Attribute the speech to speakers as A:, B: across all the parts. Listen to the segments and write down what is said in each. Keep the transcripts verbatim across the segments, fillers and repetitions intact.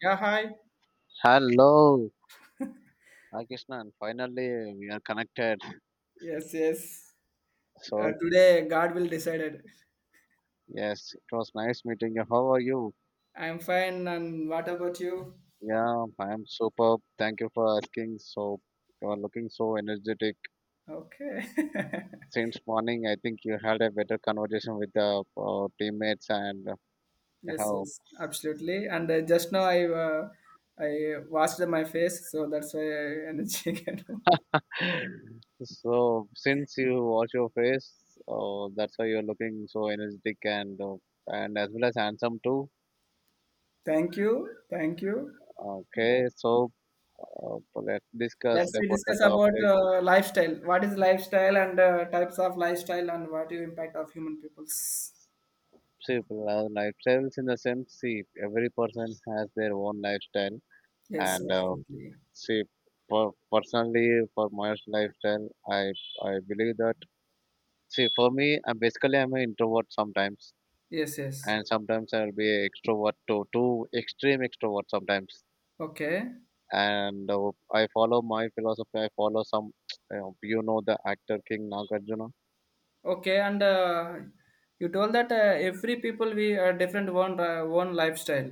A: Yeah, hi.
B: Hello, Akishnan. Finally, we are connected.
A: Yes, yes. Uh,
B: So,
A: today, God will decide it.
B: yes, it was nice meeting you. How are you?
A: I'm fine, and what about you?
B: Yeah, I am superb. Thank you for asking. So, you are looking so energetic.
A: Okay.
B: Since morning, I think you had a better conversation with the uh, teammates and uh,
A: Yes,
B: how.
A: yes, absolutely. And uh, just now, I uh, I washed my face, so that's why I energy. can-
B: So, since you wash your face, uh, that's why you're looking so energetic and uh, and as well as handsome too.
A: thank you, thank you.
B: Okay, so uh, let's discuss
A: Let's we
B: about the
A: discuss about
B: topic.
A: uh, lifestyle. What is lifestyle and uh, types of lifestyle and what is impact of human peoples?
B: See, well, lifestyles in the sense, see, every person has their own lifestyle,
A: Yes,
B: and uh,
A: absolutely.
B: see, per personally, for my lifestyle, I I believe that. See, for me, I'm basically I'm an introvert sometimes,
A: Yes, yes.
B: and sometimes I'll be an extrovert to too extreme extrovert sometimes.
A: Okay.
B: And uh, I follow my philosophy. I follow some, you know, you know the actor King Nagarjuna.
A: Okay, and uh, you told that uh, every people we uh, different one uh, one lifestyle,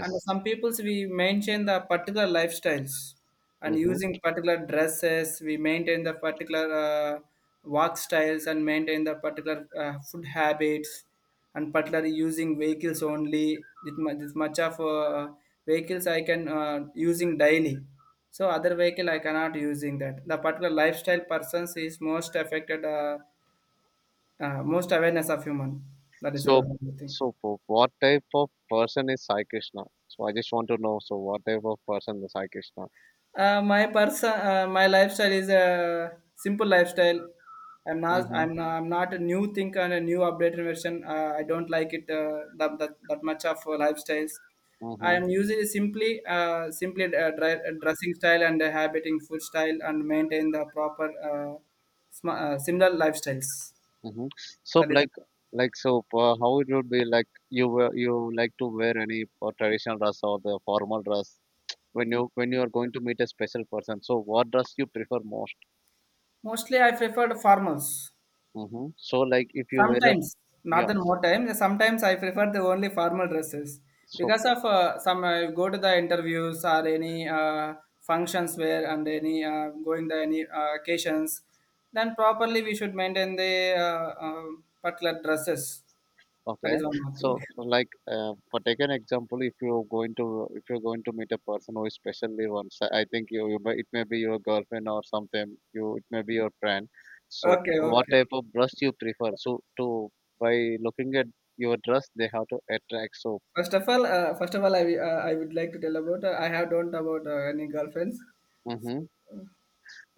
A: and some peoples we maintain the particular lifestyles, and
B: Hmm.
A: using particular dresses we maintain the particular uh, walk styles and maintain the particular uh, food habits, and particularly using vehicles only. This mu- this much of uh, vehicles I can uh, using daily. So other vehicle I cannot using that. The particular lifestyle persons is most affected. Uh, uh, most awareness of human, that is
B: So,
A: one thing.
B: so for what type of person is Sai Krishna? So I just want to know. So what type of person is Sai Krishna?
A: Uh, my person, uh, my lifestyle is a simple lifestyle. i'm not
B: Mm-hmm.
A: i'm not, I'm not a new thing and a new updated version. uh, I don't like it, uh, that, that that much of uh, lifestyles. I
B: Mm-hmm.
A: am usually simply uh, simply uh, dre- uh, dressing style and uh, habiting food style, and maintain the proper uh, sm- uh, similar lifestyles.
B: Mm-hmm. So
A: That is
B: like, like so, uh, how it would be like you wear, you like to wear any uh, traditional dress or the formal dress when you when you are going to meet a special person. So what dress you prefer most?
A: mostly I prefer the farmers.
B: Mm-hmm. So like if you wear a.
A: Sometimes, not
B: Yeah.
A: that more time. Sometimes I prefer the only formal dresses
B: So,
A: because of uh, some, uh, go to the interviews or any uh, functions where, and any uh, going the any uh, occasions. Then properly we should maintain the uh, uh, particular dresses. That
B: okay,
A: is one more
B: so
A: thing.
B: like, uh, for take an example, if you're going to if you're going to meet a person who is specially once, I think you, you may, it may be your girlfriend or something, you, it may be your friend. So
A: Okay,
B: what
A: okay.
B: type of dress you prefer, so to by looking at your dress they have to attract so.
A: First of all, uh, first of all, I, uh, I would like to tell about, uh, I have don't about uh, any girlfriends.
B: Hmm.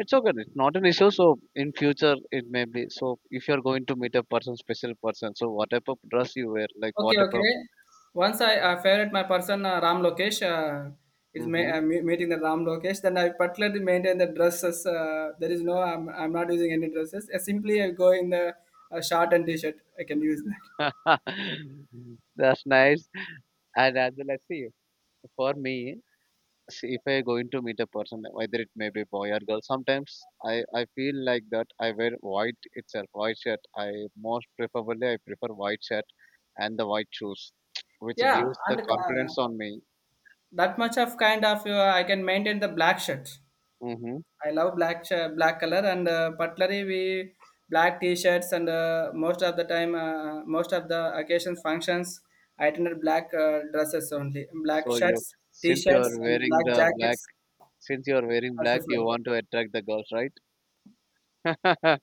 B: It's okay, it's not an issue. So, in future it may be. So, if you're going to meet a person, special person, so what type of dress you wear, like
A: Okay,
B: what type of.
A: okay. Once I, uh, favorite my person, uh, Ram Lokesh, uh, is ma-
B: Hmm.
A: uh, me- meeting the Ram Lokesh. Then I particularly maintain the dresses. Uh, there is no I'm, I'm not using any dresses. I simply I go in the uh, shirt and t-shirt. I can use that.
B: That's nice, and uh, let's see. For me, see, if I going to meet a person, whether it may be boy or girl, sometimes I, I feel like that I wear white itself, white shirt. I, most preferably, I prefer white shirt and the white shoes, which
A: Yeah,
B: gives the
A: and uh,
B: confidence on me.
A: that much of kind of uh, I can maintain the black shirt.
B: Hmm.
A: I love black sh- black color, and uh, particularly we black t-shirts, and uh, most of the time uh, most of the occasions functions I attended black uh, dresses, only black
B: So
A: shirts,
B: you, since you
A: t-shirts
B: are
A: and
B: wearing
A: black
B: the
A: jackets
B: black, since you are wearing
A: as a
B: black, you
A: fellow.
B: want to attract the girls, right?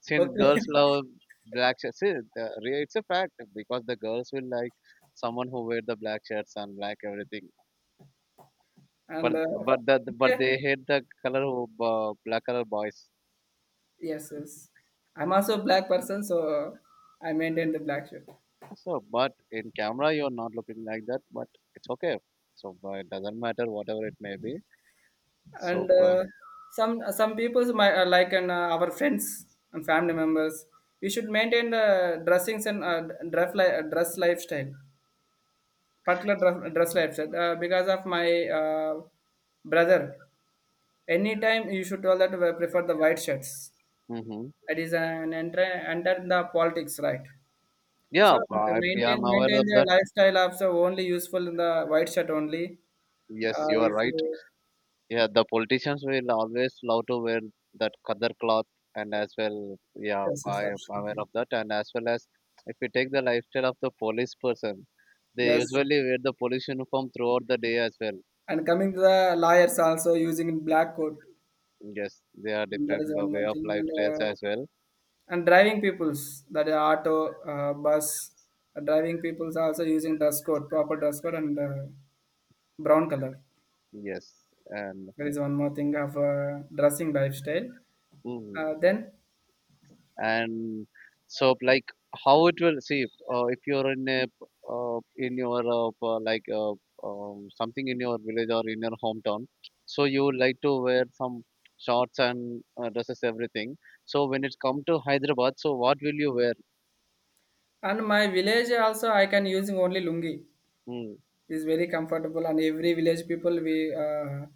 B: Since girls
A: Okay.
B: love black shirts, see, the, re- it's a fact because the girls will like someone who wear the black shirts and black everything,
A: And
B: but
A: uh,
B: but that but
A: okay.
B: they hate the color of uh, black color boys.
A: Yes, yes, I'm also a black person, so uh, I maintain the black shirt.
B: So, but in camera you're not looking like that, but it's okay. So, but it doesn't matter whatever it may be. So,
A: And
B: uh,
A: uh, some uh, some people my, uh, like, and uh, our friends and family members, we should maintain the dressings, and uh, dress li- uh, dress lifestyle, particular dress, dress lifestyle, uh, because of my uh, brother, anytime you should tell that we prefer the white shirts.
B: hmm.
A: That is an enter enter in the politics, right? So
B: Yeah, but I, yeah,
A: maintain
B: I'm aware
A: maintain
B: of
A: the
B: that.
A: lifestyle of so only useful in the white shirt only.
B: Yes,
A: Uh,
B: you are
A: if
B: right.
A: you,
B: Yeah, the politicians will always love to wear that color cloth, and as well, yeah,
A: yes, yes,
B: I am aware
A: absolutely.
B: of that. And as well as if you take the lifestyle of the police person, they
A: Yes.
B: usually wear the police uniform throughout the day as well.
A: And coming to the lawyers also using black coat.
B: Yes, they are
A: That
B: different
A: is
B: uh,
A: one more
B: way of
A: thing. And
B: lifestyles
A: uh,
B: as well.
A: and driving peoples, that is auto, uh, bus, uh, driving peoples also using dress code, proper dress code, and uh, brown color.
B: Yes, and
A: That is one more thing of uh, dressing lifestyle.
B: mm,
A: Uh, then
B: and so like how it will see if, uh, if you're in a, uh, in your, uh, p- like, uh, um, something in your village or in your hometown, so you would like to wear some shorts and uh, dresses everything. So when it come to Hyderabad, so what will you wear?
A: And my village also I can using only lungi.
B: Mm,
A: Is very comfortable, and every village people we, uh,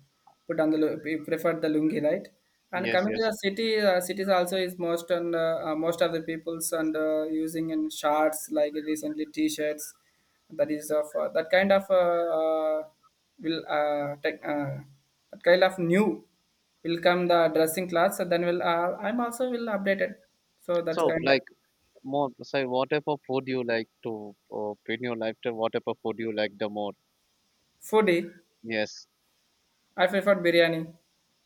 A: put on the lu- we prefer the lungi, right? And
B: yes,
A: coming to
B: yes.
A: the city, uh, cities also is most, and uh, uh, most of the peoples, and uh, using in shirts, like recently t-shirts. That is of uh, that kind of uh, uh, will uh, tech, uh, that kind of new will come, the dressing class, and then will, uh, I'm also will update it. So that's
B: So
A: kind of
B: like more say what type of food you like to, uh, in your lifetime? What type of food you like the more?
A: foodie.
B: Yes.
A: I prefer biryani.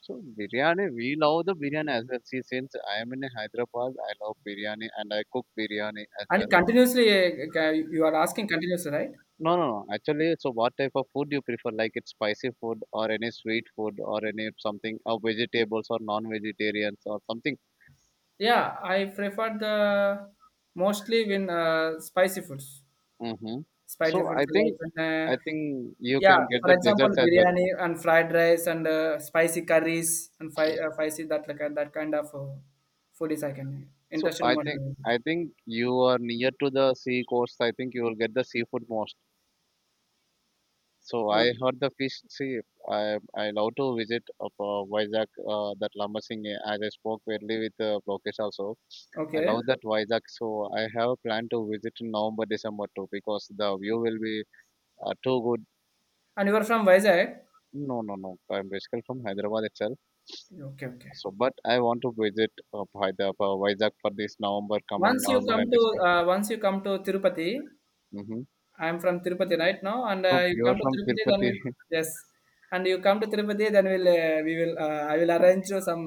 B: So biryani, we love the biryani as well. See, since I am in Hyderabad, I love biryani and I cook biryani as
A: And
B: well.
A: continuously, uh, you are asking continuously, right?
B: No, no, no. Actually, so what type of food you prefer? Like it's spicy food or any sweet food or any something or vegetables or non-vegetarians or something.
A: Yeah, I prefer the mostly when uh, spicy foods.
B: Mm-hmm. So
A: Spicy foods
B: I think
A: like uh,
B: I think you
A: yeah,
B: can get
A: for
B: the
A: example,
B: desserts as well.
A: biryani and fried rice, and uh, spicy curries, and fi- uh, spicy that, like uh, that kind of uh, food is I can
B: So
A: interested
B: I
A: more
B: think
A: in it.
B: I think you are near to the sea coast. I think you will get the seafood most. So I
A: Okay.
B: heard the fish. See, I I love to visit up, uh, Vizag, uh, that Lamasingh. As I spoke earlier with uh, Lokesh also, I
A: Okay.
B: love that Vizag. So I have a plan to visit in November, December too, because the view will be uh, too good.
A: And you are from Vizag?
B: No, no, no. I'm basically from Hyderabad itself.
A: Okay, okay.
B: So, but I want to visit uh, Hyderabad, Vizag for this November, coming
A: Once you
B: November
A: come
B: and
A: to,
B: December.
A: uh, once you come to Tirupati,
B: Hmm.
A: I'm from Tirupati right now, and
B: So
A: uh, you
B: you are
A: come to
B: from
A: Tirupati, then
B: Tirupati.
A: we'll, yes, and you come to Tirupati, then we'll, uh, we will uh, I will arrange you some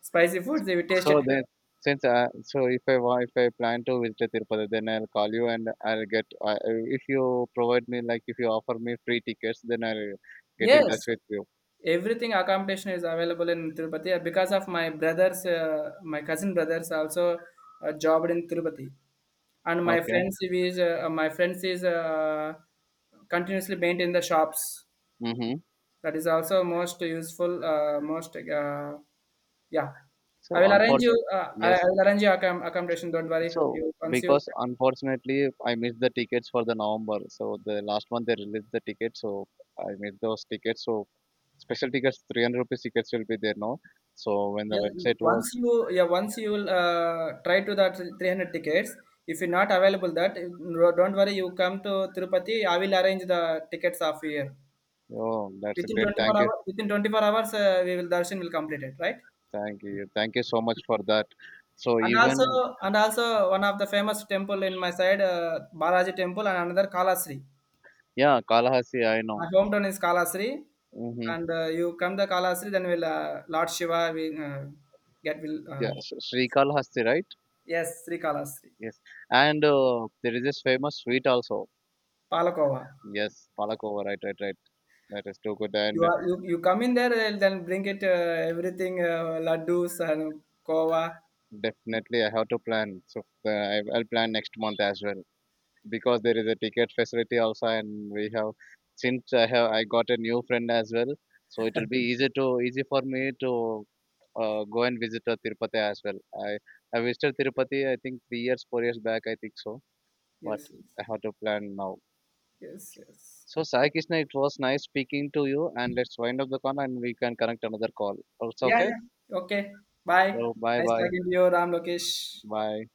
A: spicy foods. You will taste it.
B: So then, since I, so if I wa- if I plan to visit Tirupati, then I'll call you and I'll get. I I- if you provide me, like, if you offer me free tickets, then I'll get in touch
A: Yes,
B: with you.
A: everything accommodation is available in Tirupati, uh, because of my brothers, uh, my cousin brothers also uh, jobbed in Tirupati, and my
B: Okay.
A: friends is uh, my friends is uh, continuously maintain the shops.
B: Mm-hmm.
A: That is also most useful, uh, most uh, yeah, i
B: So,
A: will arrange you
B: unfortunately,
A: uh, i
B: yes.
A: I will arrange you accom- accommodation, don't worry.
B: So
A: You once you,
B: because, unfortunately, I missed the tickets for the November. So the last month they released the tickets, so I missed those tickets. So special tickets, 300 rupees tickets will be there now. So when the
A: yeah,
B: website
A: once
B: was,
A: you, yeah, once you will uh, try to that three hundred tickets. If you're not available that, no- don't worry, you come to Tirupati, I will arrange the tickets of here
B: oh, that's
A: within
B: great.
A: twenty-four
B: Thank you.
A: hours. Within twenty-four hours uh, we will darshan will complete, it right?
B: Thank you. Thank you so much for that. So
A: And also,
B: even,
A: and also one of the famous temple in my side, uh, Balaji temple, and another Kalashri.
B: yeah, Kalahasti, I know.
A: My hometown is Kalahari,
B: Mm-hmm.
A: and uh, you come to Kalahari, then we'll, uh, Lord Shiva we, uh, get will uh,
B: Yeah, so Sri Kalahasti, right?
A: yes, Sri Kalahari.
B: Yes. And uh, there is this famous sweet also.
A: Palakova.
B: Yes, Palakova, right, right, right. That is too good,
A: You
B: and uh,
A: are you, you come in there and then bring it, uh, everything, uh, laddus and kova.
B: definitely I have to plan. So, uh, I- I'll plan next month as well. Because there is a ticket facility also, and we have, since i have i got a new friend as well, so it will be easy, to easy for me to uh, go and visit uh, Tirupati as well. I i visited Tirupati, I think three years four years back, I think so. But
A: Yes, yes,
B: I have to plan now.
A: yes, yes.
B: So, Sai Krishna, it was nice speaking to you, and let's wind up the call and we can connect another call. It's
A: Yeah,
B: okay.
A: yeah. Okay. Bye.
B: So, bye,
A: Nice
B: bye.
A: talking to you, Ram Lokesh.
B: Bye.